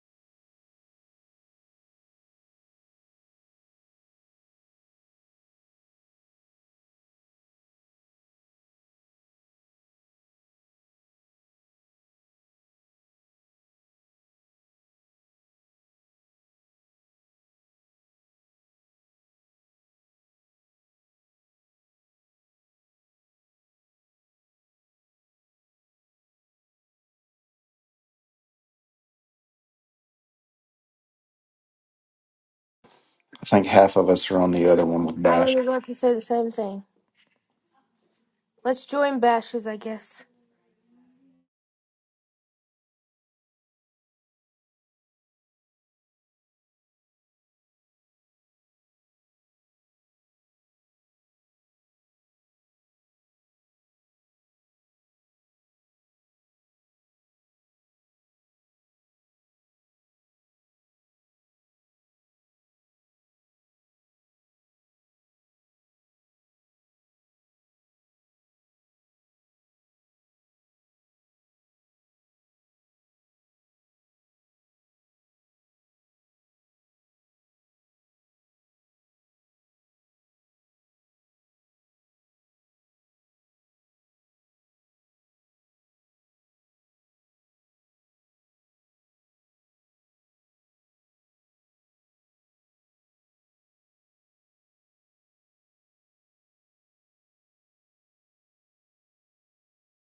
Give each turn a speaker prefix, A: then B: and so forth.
A: I think half of us are on the other one with
B: I
A: Bash.
B: was about to say the same thing. Let's join bashes, I guess.